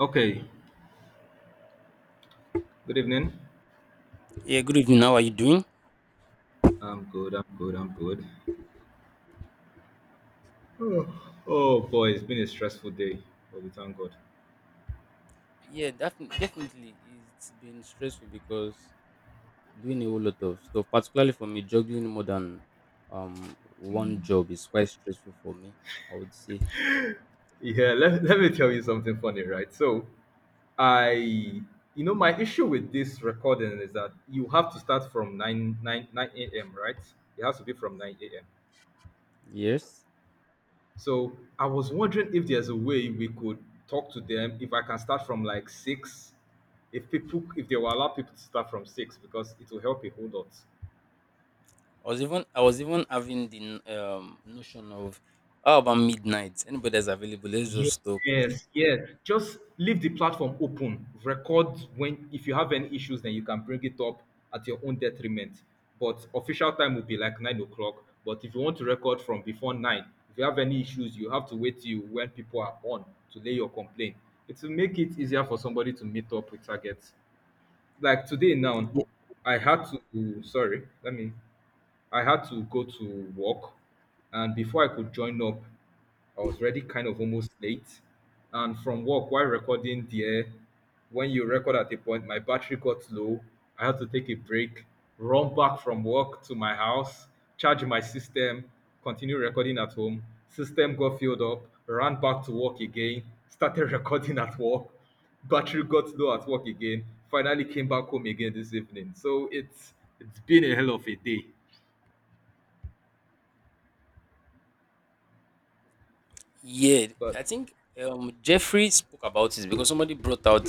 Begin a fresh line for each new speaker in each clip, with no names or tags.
Okay, good evening.
Yeah, good evening. How are you doing?
I'm good, I'm good, I'm good. Oh boy, it's been a stressful day, but we thank God.
Yeah, definitely, definitely. It's been stressful because doing a whole lot of stuff, particularly for me, juggling more than one
Mm.
job is quite stressful for me. I would say
Yeah, let me tell you something funny, right? So, my issue with this recording is that you have to start from nine a.m., right? It has to be from 9 a.m.
yes.
So, I was wondering if there's a way we could talk to them, if I can start from like 6, if they will allow people to start from 6, because it will help a whole lot.
I was even having the notion of how about midnight? Anybody that's available, let's just talk.
Yes, yes. Just leave the platform open. Record when if you have any issues, then you can bring it up at your own detriment. But official time will be like 9 o'clock. But if you want to record from before 9, if you have any issues, you have to wait till when people are on to lay your complaint. It will make it easier for somebody to meet up with targets. Like today now, I had to sorry, let me I had to go to work, and before I could join up, I was already kind of almost late. And from work, while recording there, when you record at a point, my battery got low. I had to take a break, run back from work to my house, charge my system, continue recording at home. System got filled up, ran back to work again, started recording at work. Battery got low at work again. Finally came back home again this evening. So it's been a hell of a day.
Yeah, I
But
think Jeffrey spoke about it because somebody brought out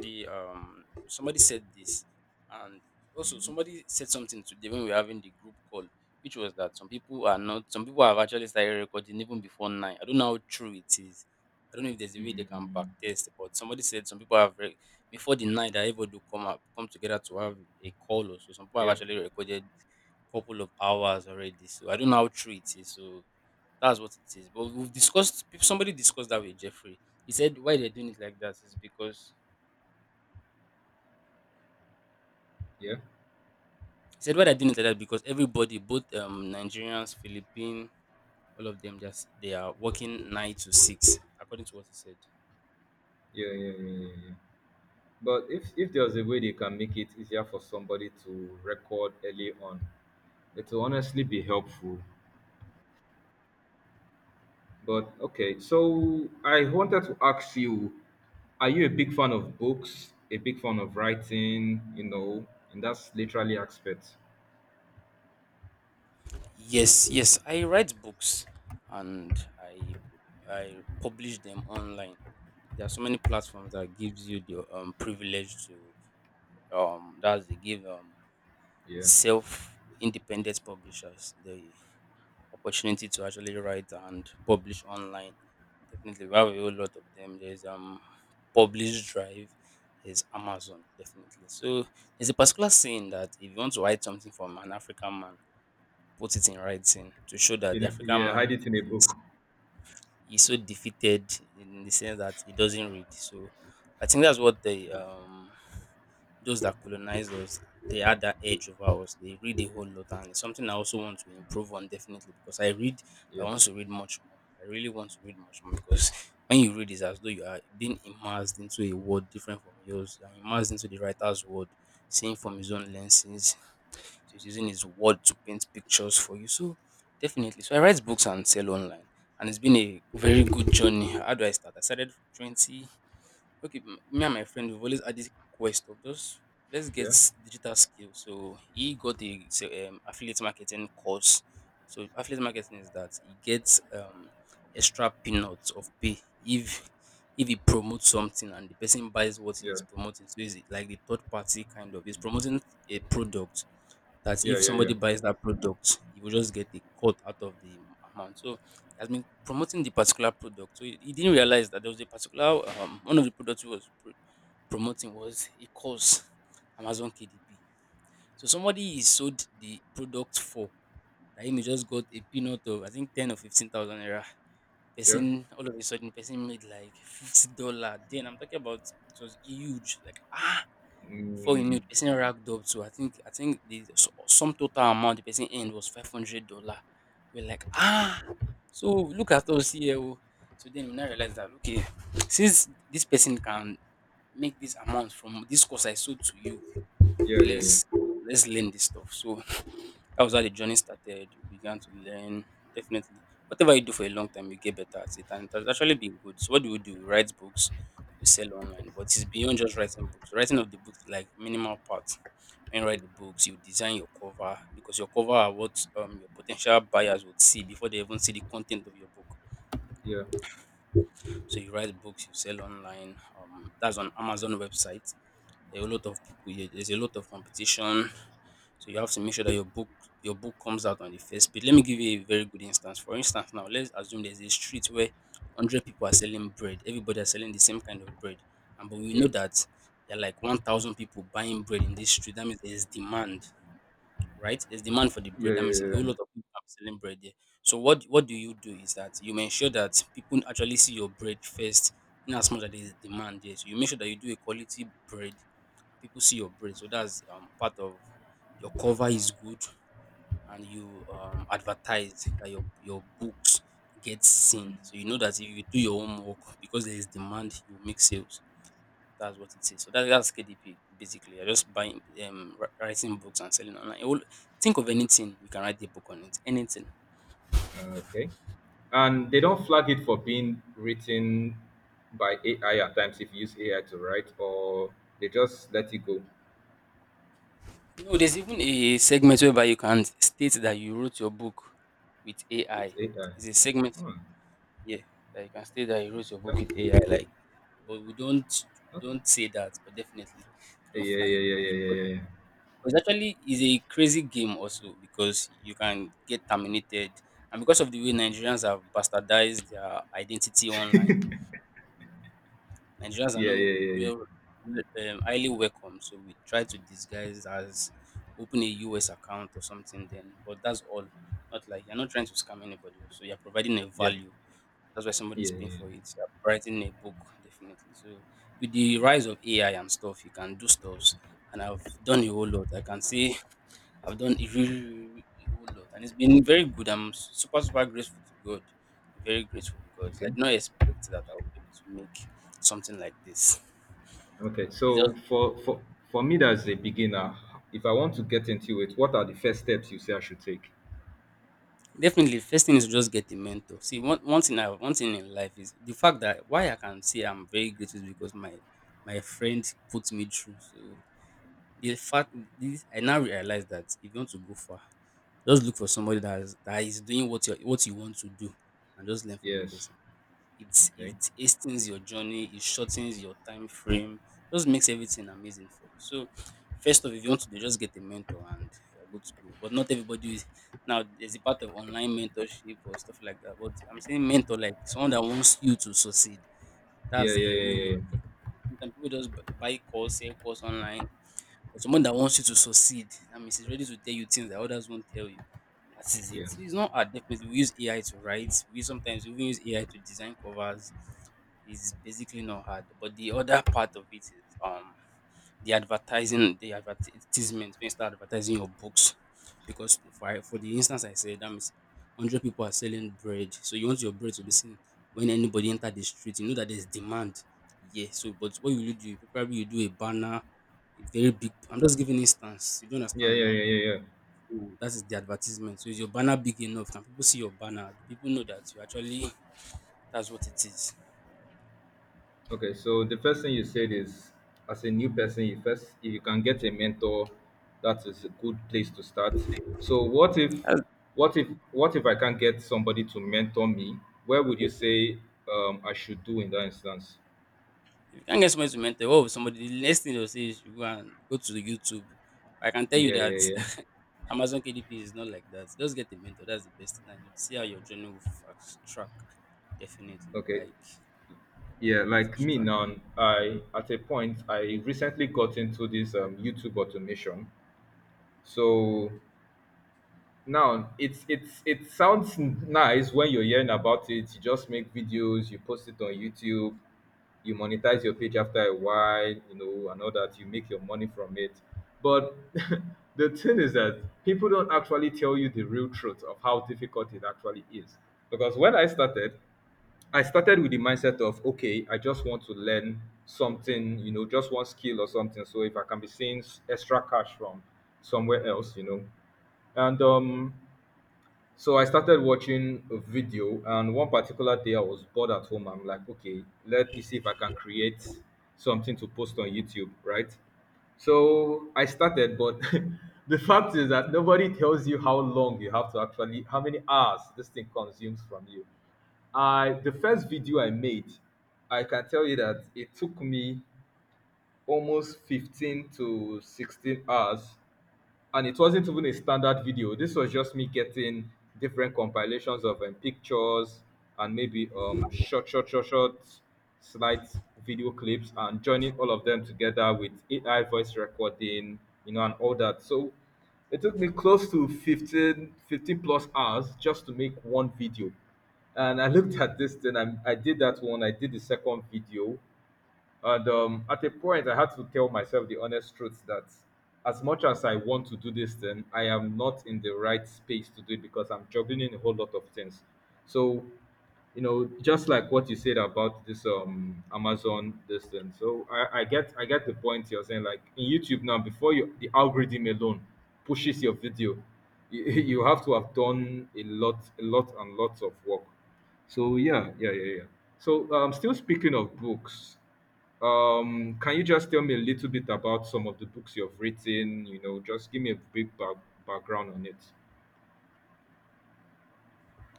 the somebody said this and also somebody said something today when we were having the group call, which was that some people are not some people have actually started recording even before nine. I don't know how true it is. I don't know if there's a way they can back
mm,
test, but somebody said some people have re- before the night that able do come up come together to have a call or so. Some people have
yeah,
actually recorded couple of hours already. So I don't know how true it is. So that's what it is. But we've discussed peop- somebody discussed that with Jeffrey. He said why they're doing it like that is because
yeah,
he said why they're doing it like that because everybody, both Nigerians, Philippine, all of them just they are working 9 to 6, according to what he said.
yeah, yeah, yeah, yeah, yeah. But if there's a way they can make it easier for somebody to record early on, it will honestly be helpful. But okay, so I wanted to ask you, are you a big fan of books? A big fan of writing? And that's literally aspect.
Yes, yes. I write books and I publish them online. There are so many platforms that gives you the privilege to that's they give
Yeah,
self independent publishers. They opportunity to actually write and publish online. Definitely, we have a whole lot of them. There's Publish Drive, there's Amazon, definitely. So there's a particular saying that if you want to write something from an African man, put it in writing to show that the African
yeah, hide
man
it in a
is
book.
he's so defeated in the sense that he doesn't read. So I think that's what the those that colonized us, they had that edge over us. They read a whole lot, and it's something I also want to improve on definitely because I read.
Yeah,
But I want to read much more. I really want to read much more because when you read, it's as though you are being immersed into a world different from yours. You're immersed into the writer's world, seeing from his own lenses. So he's using his word to paint pictures for you. So definitely. So I write books and sell online, and it's been a very good journey. How do I start? I started twenty okay, m- me and my friend we've always had this quest of just let's get
yeah,
s- digital skill. So he got a say, affiliate marketing course. So affiliate marketing is that he gets extra peanuts of pay if he promotes something and the person buys what
yeah,
he's promoting. So it's like the third party kind of he's promoting a product that
yeah,
if
yeah, yeah,
somebody buys that product, you will just get a cut out of the amount. So he has been promoting the particular product. So he didn't realize that there was a particular one of the products he was pr- promoting was a course, Amazon KDP. So somebody he sold the product for that him he just got a peanut of I think 10 or 15,000 naira.
yeah.
Person all of a sudden person made like $50. Then I'm talking about it was huge. Like ah before you
Mm,
knew the person racked up to I think the s- sum total amount the person earned was $500. We're like, ah, so look at us here. Oh." So then we now realize that okay, since this person can make this amount from this course I sold to you,
yeah, yeah, yeah,
let's let's learn this stuff. So that was how the journey started. We began to learn. Definitely, whatever you do for a long time, you get better at it, and it has actually been good. So, what do? We write books, we sell online, but it's beyond just writing books. Writing of the books is like minimal part. When you write the books, you design your cover because your cover are what your potential buyers would see before they even see the content of your book.
yeah,
So, you write books, you sell online. That's on Amazon website. There are a lot of people. There's a lot of competition so you have to make sure that your book comes out on the first page. Let me give you a very good instance. For instance, now let's assume there's a street where hundred people are selling bread. Everybody are selling the same kind of bread, and but we
yeah.
know
Yeah,
that there are like 1,000 people buying bread in this street. That means there is demand right? There's demand for the
yeah,
bread. That means
yeah,
a whole lot
yeah.
of people are selling bread there. So what do you do is that you make sure that people actually see your bread first, in as much as there's demand there. So you make sure that you do a quality bread, and people see your bread. So that's part of your cover is good, and you advertise that your books get seen. So you know that if you do your homework because there is demand, you will make sales. That's what it is. So that's KDP basically. You're just buying, wri- writing books and selling online. You will think of anything you can write a book on it. Anything.
Okay. And they don't flag it for being written by AI at times if you use AI to write, or they just let it go.
You know, there's even a segment whereby you can state that you wrote your book with
It's
AI.
AI.
It's a segment,
Hmm. Yeah.
yeah, that you can state that you wrote your book
That-
with AI. Like, but we don't we
that-
don't say that. But definitely,
Yeah,
don't
yeah,
flag your
yeah, yeah,
books.
yeah, yeah,
But it's actually is a crazy game also because you can get terminated, and because of the way Nigerians have bastardized their identity online, Nigerians are
yeah, yeah, yeah,
not
yeah, yeah,
well, well, highly welcome. So we try to disguise as open a US account or something. Then, but that's all. Not like you're not trying to scam anybody. So you're providing a
yeah,
value. That's why
yeah,
somebody's
yeah,
paying
yeah.
for it. You're writing a book, definitely. So with the rise of AI and stuff, you can do stuff. And I've done a whole lot. I can say I've done a really, really a whole lot, and it's been very good. I'm super, super grateful to God. Very grateful because
Okay.
I did not expect that I would be able to make something like this.
Okay.
It's
So
just
for me as a beginner, if I want to get into it, what are the first steps you say I should take?
definitely first thing is to just get a mentor. See, one thing I one thing in life is the fact that why I can say I'm very grateful is because my friend put me through. So the fact this I now realize that if you want to go far, just look for somebody that is doing what you want to do and just learn from the
Yes.
person. It
Okay.
it hastens your journey, it shortens your time frame, just makes everything amazing for you. So first off, if you want to do, just get a mentor and you're good to go. But not everybody is now there's a part of online mentorship or stuff like that. But I'm saying mentor like someone that wants you to succeed.
Yeah,
That's
yeah,
a
yeah,
whole lot.
yeah,
Sometimes people just b- buy course, sell course online. But someone that wants you to succeed, that means he's ready to tell you things that others won't tell you. That is
yeah,
it. So it's not hard. Definitely, we use AI to write. We sometimes even use AI to design covers. It's basically not hard. But the other part of it is um the advertising, the advertisement when you start advertising your books, because for the instance I said that means hundred people are selling bread, so you want your bread to be seen when anybody enter the street. You know that there's demand. Yeah. So, but what will you do? Probably you do a banner, a very big. I'm just giving instance. You don't
yeah,
understand
yeah,
now
yeah, yeah, yeah, yeah.
oh, that is the advertisement. So is your banner big enough? Can people see your banner? Do people know that you actually that's what it is?
Okay, so the first thing you said is, as a new person, you first if you can get a mentor, that is a good place to start. So what if,
That's-
what if, what if I can't get somebody to mentor me? Where would you say I should do in that instance?
if you can't get somebody to mentor, what will somebody the next thing they'll say is you go and go to the YouTube. I can tell you
Yeah,
that
yeah, yeah.
Amazon KDP is not like that. Just get a mentor, that's the best thing. And you'd see how your journey will fast track. Definitely.
Okay.
Like
Yeah, like
fast
me
track.
now, I at a point I recently got into this YouTube automation. So Now, it sounds nice when you're hearing about it. You just make videos, you post it on YouTube, you monetize your page after a while, and all that. You make your money from it. But the thing is that people don't actually tell you the real truth of how difficult it actually is. Because when I started with the mindset of okay, I just want to learn something, just one skill or something. So if I can be seeing extra cash from somewhere else, and so I started watching a video, and one particular day I was bored at home. I'm like, okay, let me see if I can create something to post on YouTube, right? So I started, but the fact is that nobody tells you how long you have to actually, how many hours this thing consumes from you. I The first video I made, I can tell you that it took me almost 15 to 16 hours and it wasn't even a standard video. This was just me getting different compilations of pictures and maybe slight video clips and joining all of them together with AI voice recording, and all that. So it took me close to 15 plus hours just to make one video. And I looked at this, then I did that one, I did the second video, and at a point, I had to tell myself the honest truth that as much as I want to do this thing, I am not in the right space to do it because I'm juggling a whole lot of things. So just like what you said about this amazon this thing, so I get the point you're saying, like in youtube now before you the algorithm alone pushes your video. You, you have to have done a lot and lots of work. So, yeah, yeah, yeah, yeah. So still speaking of books, can you just tell me a little bit about some of the books you've written, just give me a big background on it.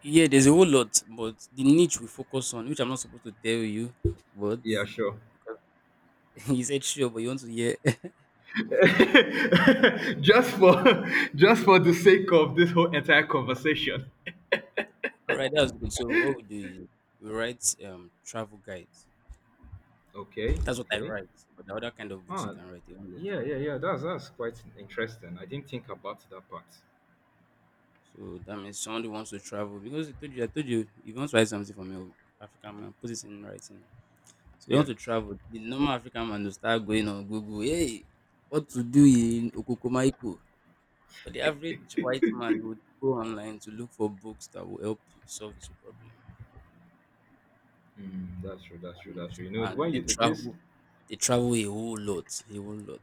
Yeah, there's a whole lot, but the niche we focus on, which I'm not supposed to tell you, but
Yeah, sure.
you said sure, but you want to hear
just for just for the sake of this whole entire conversation.
all right, that's good. So what we do is we write travel guides.
Okay,
That's what I
okay.
write. But the other kind of books you
Ah,
can write, they won't let.
yeah, yeah, yeah. That's quite interesting. I didn't think about that part.
So that means someone who wants to travel because I told you, if you want to write something for me, African man, put it in writing. So you want
Yeah,
to travel, the normal African man will start going on Google. Hey, what to do in Okokomaiko? But the average white man would go online to look for books that will help solve his problem,
mm, that's true. That's true.
and
That's true. You know,
and
when you this,
they travel a whole lot, a whole lot.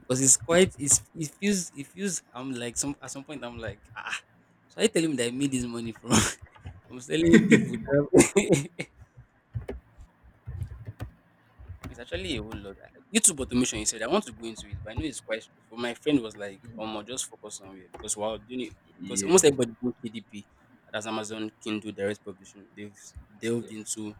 Because it feels, I'm like some at some point I'm like, so are you telling me that I made this money from from selling people? It's actually a whole lot. YouTube automation, he said, I want to go into it, but I know it's quite stressful. My friend was like, oh, just focus on it because while doing it, because
yeah,
almost everybody doing KDP, that's Amazon Kindle Direct Publishing, they've
yeah,
delved into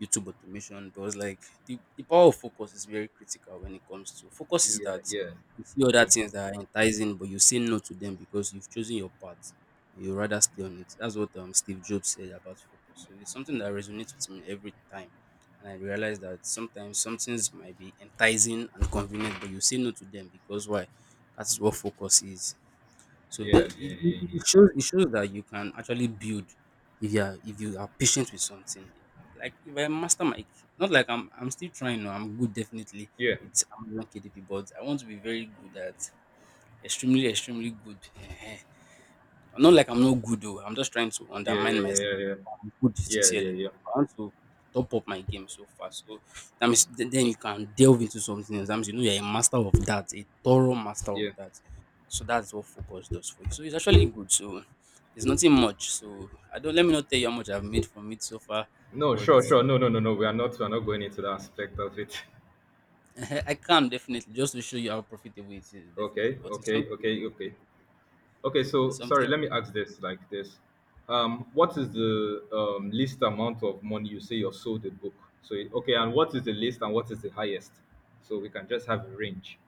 YouTube automation. But it's like the power of focus is very critical. When it comes to focus is
yeah,
that
yeah,
you see other
yeah,
things that are enticing, but you say no to them because you've chosen your path. You rather stay on it. That's what Steve Jobs said about focus. So it's something that resonates with me every time, and I realized that sometimes some things might be enticing and convenient, but you say no to them because why? That's what focus is. So
yeah,
that it,
yeah,
it
yeah,
it shows it shows that you can actually build if you are patient with something. Like if I master my, not like I'm still trying, no, I'm good definitely.
yeah,
It's Amazon KDP, but I want to be very good at, extremely, extremely good. Not like I'm not good though, I'm just trying to
yeah,
undermine
yeah, yeah,
myself.
yeah, yeah,
I'm good
yeah, yeah,
sincerely,
yeah.
but I want to top up my game so far. So that means then you can delve into something else. That means you know you're a master of that, a thorough master of
yeah.
that. So that's what focus does for you. So it's actually good. So there's nothing much. So I don't, let me not tell you how much I've made from it so far.
No,
But
sure, sure. No, no, no, no. We are not. We are not going into that aspect of it.
I can definitely, just to show you how profitable it is, definitely.
Okay,
But it's
okay,
something
okay, okay. Okay,
it's
so
something
sorry, let me ask this like this. What is the least amount of money you say you've sold a book? So, okay, and what is the least and what is the highest? So we can just have a range.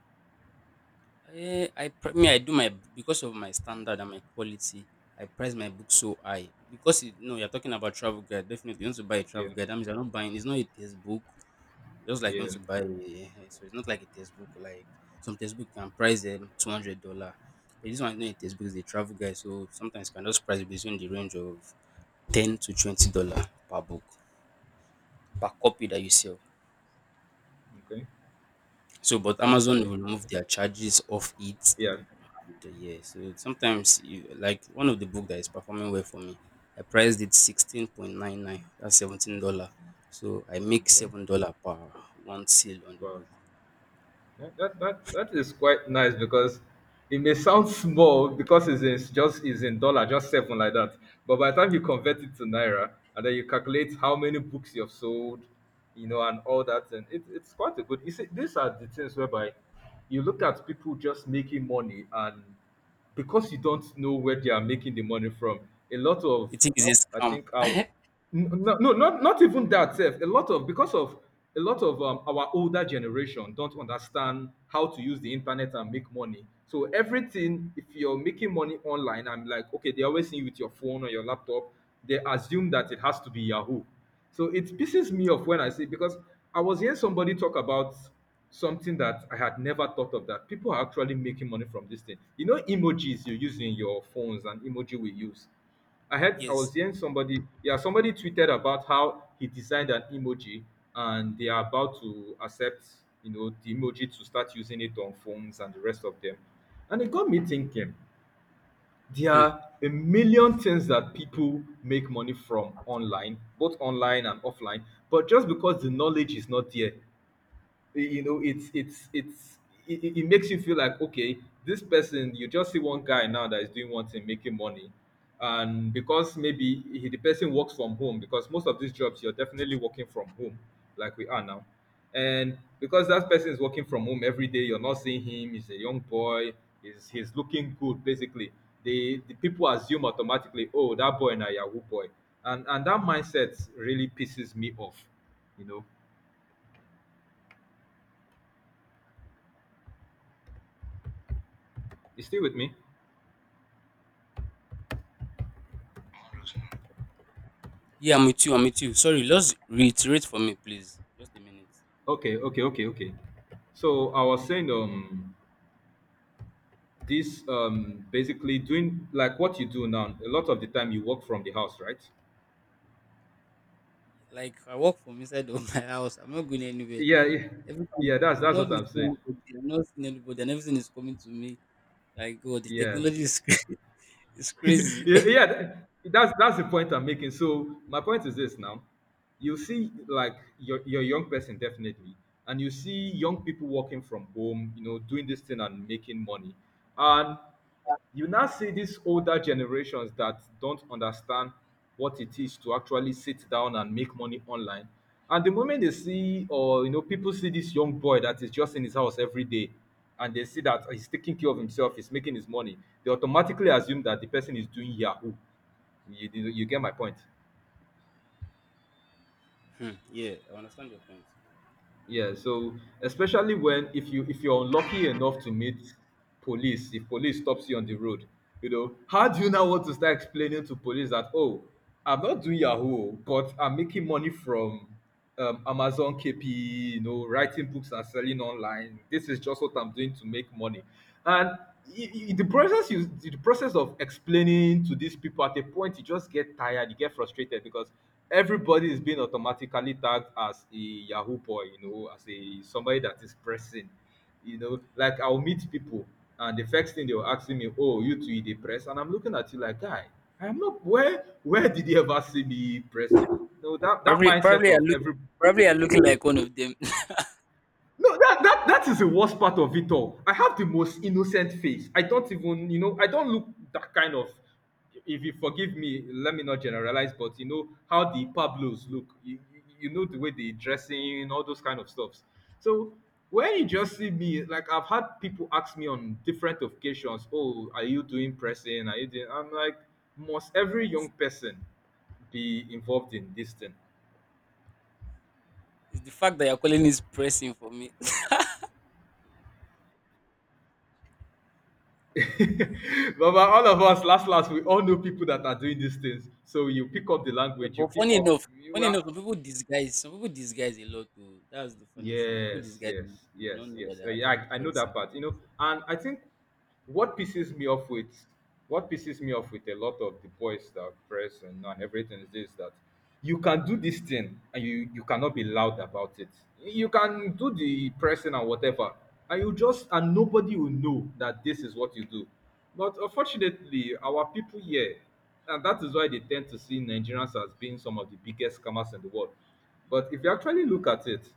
Me I do my, because of my standard and my quality, I price my book so high because it, no, you're talking about travel guide. Definitely, you want to buy a
Yeah,
travel guide. That means you're not buying, it's not a textbook. Just like you
yeah.
want to buy, a, so it's not like a textbook. Like some textbook can price them $200, but this one is not a textbook. It's a travel guide, so sometimes you can just price it between the range of $10 to $20 per book per copy that you sell.
Okay,
So, but
okay,
Amazon
okay.
will remove their charges off it
Yeah,
the year. So sometimes you, like one of the book that is performing well for me, I priced it 16.99. That's $17. So I make
okay.
$7 per one sale on the
Wow.
book.
That is quite nice because it may sound small because it's just is in dollar, just seven like that. But by the time you convert it to naira and then you calculate how many books you've sold, and all that, and it's quite a good. You see, these are the things whereby you look at people just making money and because you don't know where they are making the money from a lot of.
You think it's
i
a scam?
think our n- no no, not even that self. A lot of because of a lot of our older generation don't understand how to use the internet and make money. So everything, if you're making money online, I'm like, okay, they always see you with your phone or your laptop. They assume that it has to be yahoo. So it pisses me off when I see, because I was hearing somebody talk about something that I had never thought of, that people are actually making money from this thing. Emojis you use in your phones and emoji we use. I was
Yes.
hearing somebody, yeah, somebody tweeted about how he designed an emoji, and they are about to accept, the emoji to start using it on phones and the rest of them. And it got me thinking, there
Hmm.
are a million things that people make money from online, both online and offline, but just because the knowledge is not there, it's it makes you feel like okay, this person, you just see one guy now that is doing one thing making money, and because maybe the person works from home, because most of these jobs you're definitely working from home like we are now, and because that person is working from home every day, you're not seeing him, he's a young boy, he's looking good basically, the people assume automatically, oh that boy na yahoo boy, and that mindset really pisses me off. you know you still with me?
Yeah, I'm with you. I'm with you. Sorry, just reiterate for me, please. Just a minute.
Okay, okay, okay, okay. So I was saying, this basically doing like what you do now. A lot of the time you work from the house, right?
Like I work from inside of my house. I'm not going anywhere.
Yeah, yeah,
Every time
yeah. That's
I'm
that's
not
what I'm
meeting
saying.
anybody. I'm not seeing anybody, and everything is coming to me. Like God, the
Yes,
technology is is
yeah,
crazy.
yeah. That's the point I'm making. So my point is this now. You see, like your young person definitely, and you see young people working from home, doing this thing and making money, and you now see these older generations that don't understand what it is to actually sit down and make money online. And the moment they see, or you know, people see this young boy that is just in his house every day, and they see that he's taking care of himself, he's making his money, they automatically assume that the person is doing Yahoo. You get my point?
Hmm, yeah, I understand your point.
Yeah, so especially when if you're unlucky enough to meet police, if police stops you on the road, you know, how do you now want to start explaining to police that, oh, I'm not doing Yahoo, but I'm making money from Amazon KPE, you know, writing books and selling online. This is just what I'm doing to make money. And the process of explaining to these people, at a point you just get tired, you get frustrated because everybody is being automatically tagged as a Yahoo boy, you know, as a somebody that is pressing. You know, like I'll meet people and the first thing they were asking me, "Oh, you too, you dey press?" And I'm looking at you like, guy, I'm not where did you ever see me pressing? No, that
Probably,
mindset
probably
of every—
probably I'm looking like one of them.
no, that is the worst part of it all. I have the most innocent face. I don't even, you know, I don't look that kind of. If you forgive me, let me not generalize, but you know how the Pablos look. You know the way they dressing, all those kind of stuffs. So when you just see me, like I've had people ask me on different occasions, "Oh, are you doing pressing? Are you doing?" I'm like, must every young person be involved in this thing?
It's the fact that you're calling is pressing for me.
But all of us, last last, we all know people that are doing these things. So you pick up the
Yeah,
language, you
but
pick
funny
up
enough,
you
funny enough,
are—
some people disguise a lot too. That's the funny thing. Some people
yes,
disguise, a
yes,
lot. You
yes,
don't know that
yes.
they're
Yeah,
actually
I know that
pressing.
part. You know, and I think what pisses me off with what pisses me off with a lot of the boys that press and everything is this, that you can do this thing and you cannot be loud about it. You can do the pressing and whatever, and you just— and nobody will know that this is what you do. But unfortunately, our people here, and that is why they tend to see Nigerians as being some of the biggest scammers in the world. But if you actually look at it,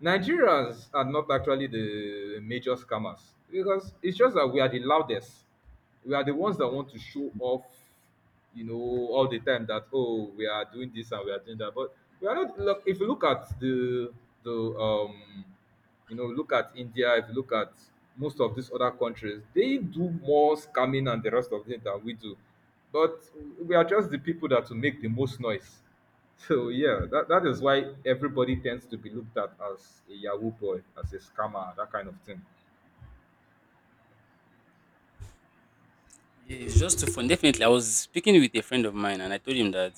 Nigerians are not actually the major scammers because it's just that we are the loudest. We are the ones that want to show off, you know, all the time, that oh, we are doing this and we are doing that. But we are not— look, if you look at the the um you know, look at India, if you look at most of these other countries, they do more scamming and the rest of it than we do. But we are just the people that will make the most noise. So yeah, that is why everybody tends to be looked at as a Yahoo boy, as a scammer, that kind of thing.
Yeah, it's just too fun. Definitely, I was speaking with a friend of mine, and I told him that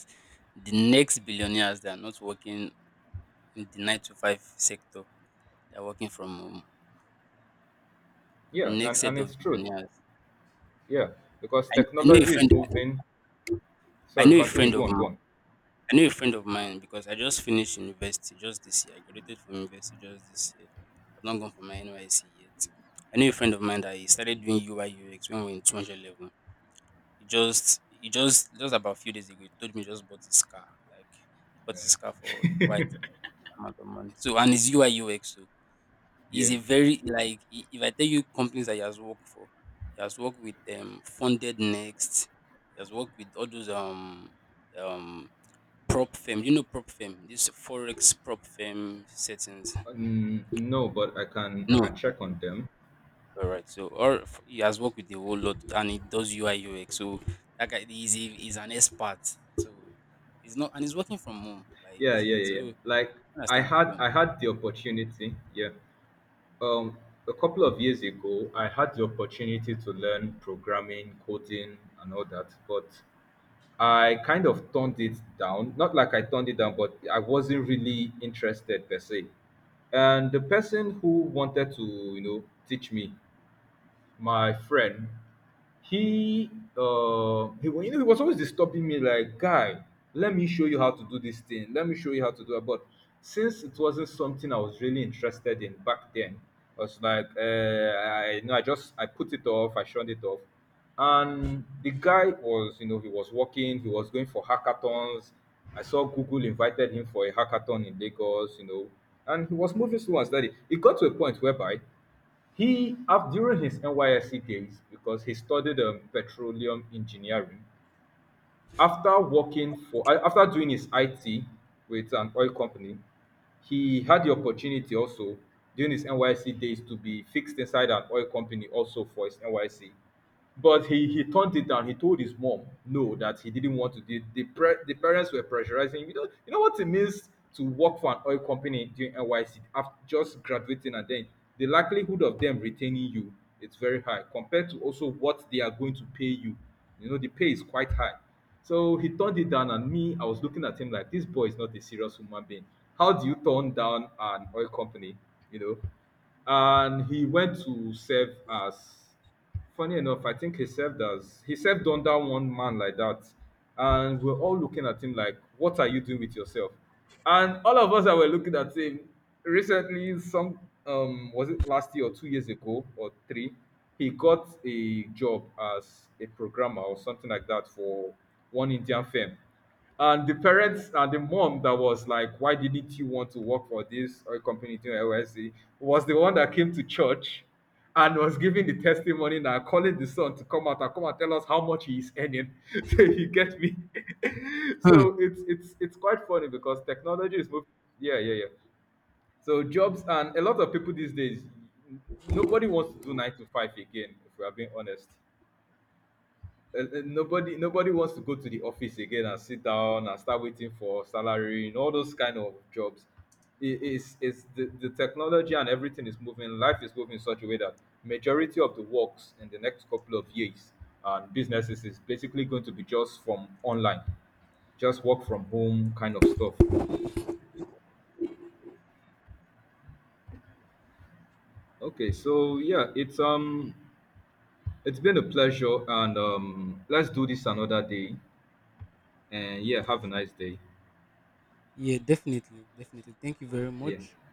the next billionaires that are not working in the nine to five sector, they're working from home. The
Yeah,
next
and
set
it's
of
truth.
billionaires.
Yeah, because
I know a
technology is
friend.
moving.
I
Sorry,
know a
continue.
friend
Go
of
on, go
mine.
on.
I knew a friend of mine because I just finished university just this year. I graduated from university just this year. I've not gone for my NYC yet. I knew a friend of mine that he started doing UI/UX when we are in 200 level. Just about a few days ago, he told me he just bought his car. Like, he bought his car for a quite amount of money. So, and his UI/UX, so
Yeah.
he's a very, like, if I tell you companies that he has worked for, he has worked with Funded Next, he has worked with all those um Prop firm, you know, prop firm, this forex prop firm settings.
Mm, no, but I can
No,
check on them.
all right. So, he has worked with a whole lot, and he does UI UX. So that guy is an expert. So he's not, and he's working from home. Like,
Yeah, yeah, yeah, yeah.
so,
Like
understand? Yeah.
I had the opportunity. Yeah. Um, a couple of years ago, I had the opportunity to learn programming, coding, and all that, but I kind of turned it down. Not like I turned it down, but I wasn't really interested per se. And the person who wanted to, you know, teach me, my friend, he you know, he was always disturbing me like, guy, let me show you how to do this thing, let me show you how to do it. But since it wasn't something I was really interested in back then, I was like, I, you know, I put it off, I shunned it off. And the guy was, you know, he was working, he was going for hackathons. I saw Google invited him for a hackathon in Lagos, you know. And he was moving slow and steady. It got to a point whereby he, after, during his NYSC days, because he studied petroleum engineering, after working for, after doing his IT with an oil company, he had the opportunity also during his NYSC days to be fixed inside an oil company also for his NYSC. But he turned it down. He told his mom no, that he didn't want to. The parents were pressurizing him. You know what it means to work for an oil company during NYC after just graduating, and then the likelihood of them retaining you is very high, compared to also what they are going to pay you. You know, the pay is quite high. So he turned it down, and me, I was looking at him like, this boy is not a serious human being. How do you turn down an oil company? You know, and he went to serve as— funny enough, I think he served under one man like that, and we're all looking at him like, "What are you doing with yourself?" And all of us that were looking at him recently, some was it last year or 2 years ago or three, he got a job as a programmer or something like that for one Indian firm, and the parents and the mom that was like, "Why didn't you want to work for this oil company doing LSE?" was the one that came to church and was giving the testimony now, calling the son to come out and come and tell us how much he is earning. So you get me.
Hmm.
So it's quite funny because technology is moving. Yeah, yeah, yeah. So jobs, and a lot of people these days, nobody wants to do 9 to 5 again. If we are being honest, and nobody wants to go to the office again and sit down and start waiting for salary and all those kind of jobs. It's the technology and everything is moving, life is moving in such a way that majority of the works in the next couple of years and businesses is basically going to be just from online, just work from home kind of stuff. Okay, so yeah, it's been a pleasure, and let's do this another day. And yeah, have a nice day.
Yeah, definitely, definitely. Thank you very much.
Yeah.